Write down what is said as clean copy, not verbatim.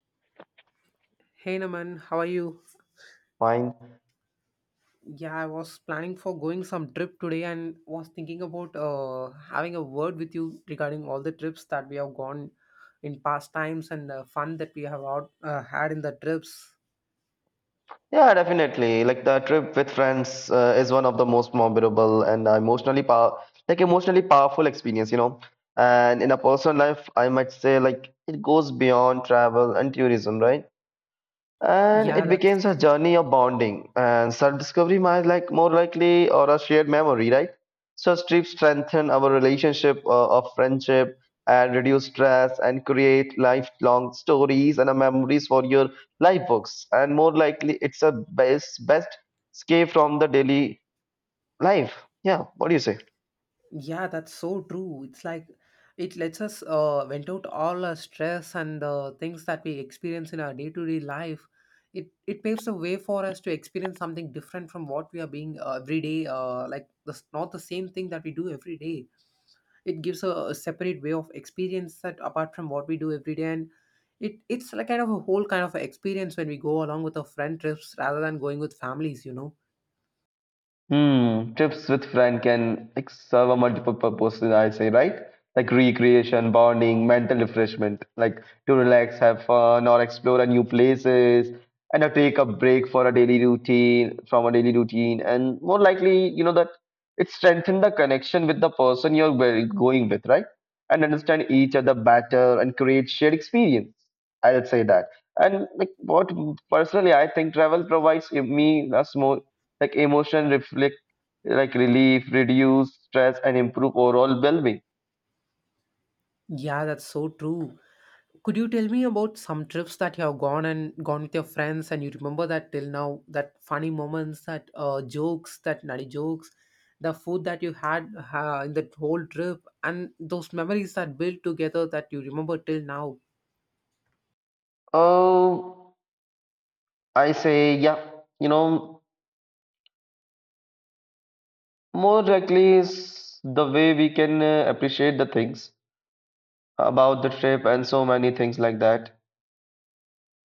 Hey Naman, how are you? Fine. Yeah, I was planning for going some trip today and was thinking about having a word with you regarding all the trips that we have gone in past times and the fun that we have out, had in the trips. Yeah, definitely. Like the trip with friends is one of the most memorable and emotionally power, like emotionally powerful experience, you know. And in a personal life, I might say like it goes beyond travel and tourism, right? And Yeah, it that's. becomes a journey of bonding and self-discovery, might like more likely, or a shared memory, right? Such trips strengthen our relationship of friendship, and reduce stress and create lifelong stories and memories for your life books. And more likely it's a best escape from the daily life. Yeah, what do you say? Yeah, that's so true. It's like it lets us vent out all our stress and the things that we experience in our day-to-day life. It paves the way for us to experience something different from what we are being every day. Like this, not the same thing that we do every day. It gives a separate way of experience that apart from what we do every day, and it's like kind of a whole kind of experience when we go along with our friend trips rather than going with families. You know. Hmm, trips with friend can like serve a multiple purpose, I say, right? Like recreation, bonding, mental refreshment, like to relax, have fun, or explore a new places, and or take a break for a daily routine, from a daily routine. And more likely, you know that it strengthens the connection with the person you're going with, right? And understand each other better and create shared experience. I'll say that. And like what personally I think travel provides me a small, like emotion reflect, like relief, reduce stress, and improve overall well-being. Yeah, that's so true. Could you tell me about some trips that you have gone and gone with your friends and you remember that till now, that funny moments, that jokes, that nutty jokes, the food that you had in that whole trip, and those memories that built together that you remember till now? Oh, I say, yeah, you know, more directly is the way we can appreciate the things about the trip and so many things like that.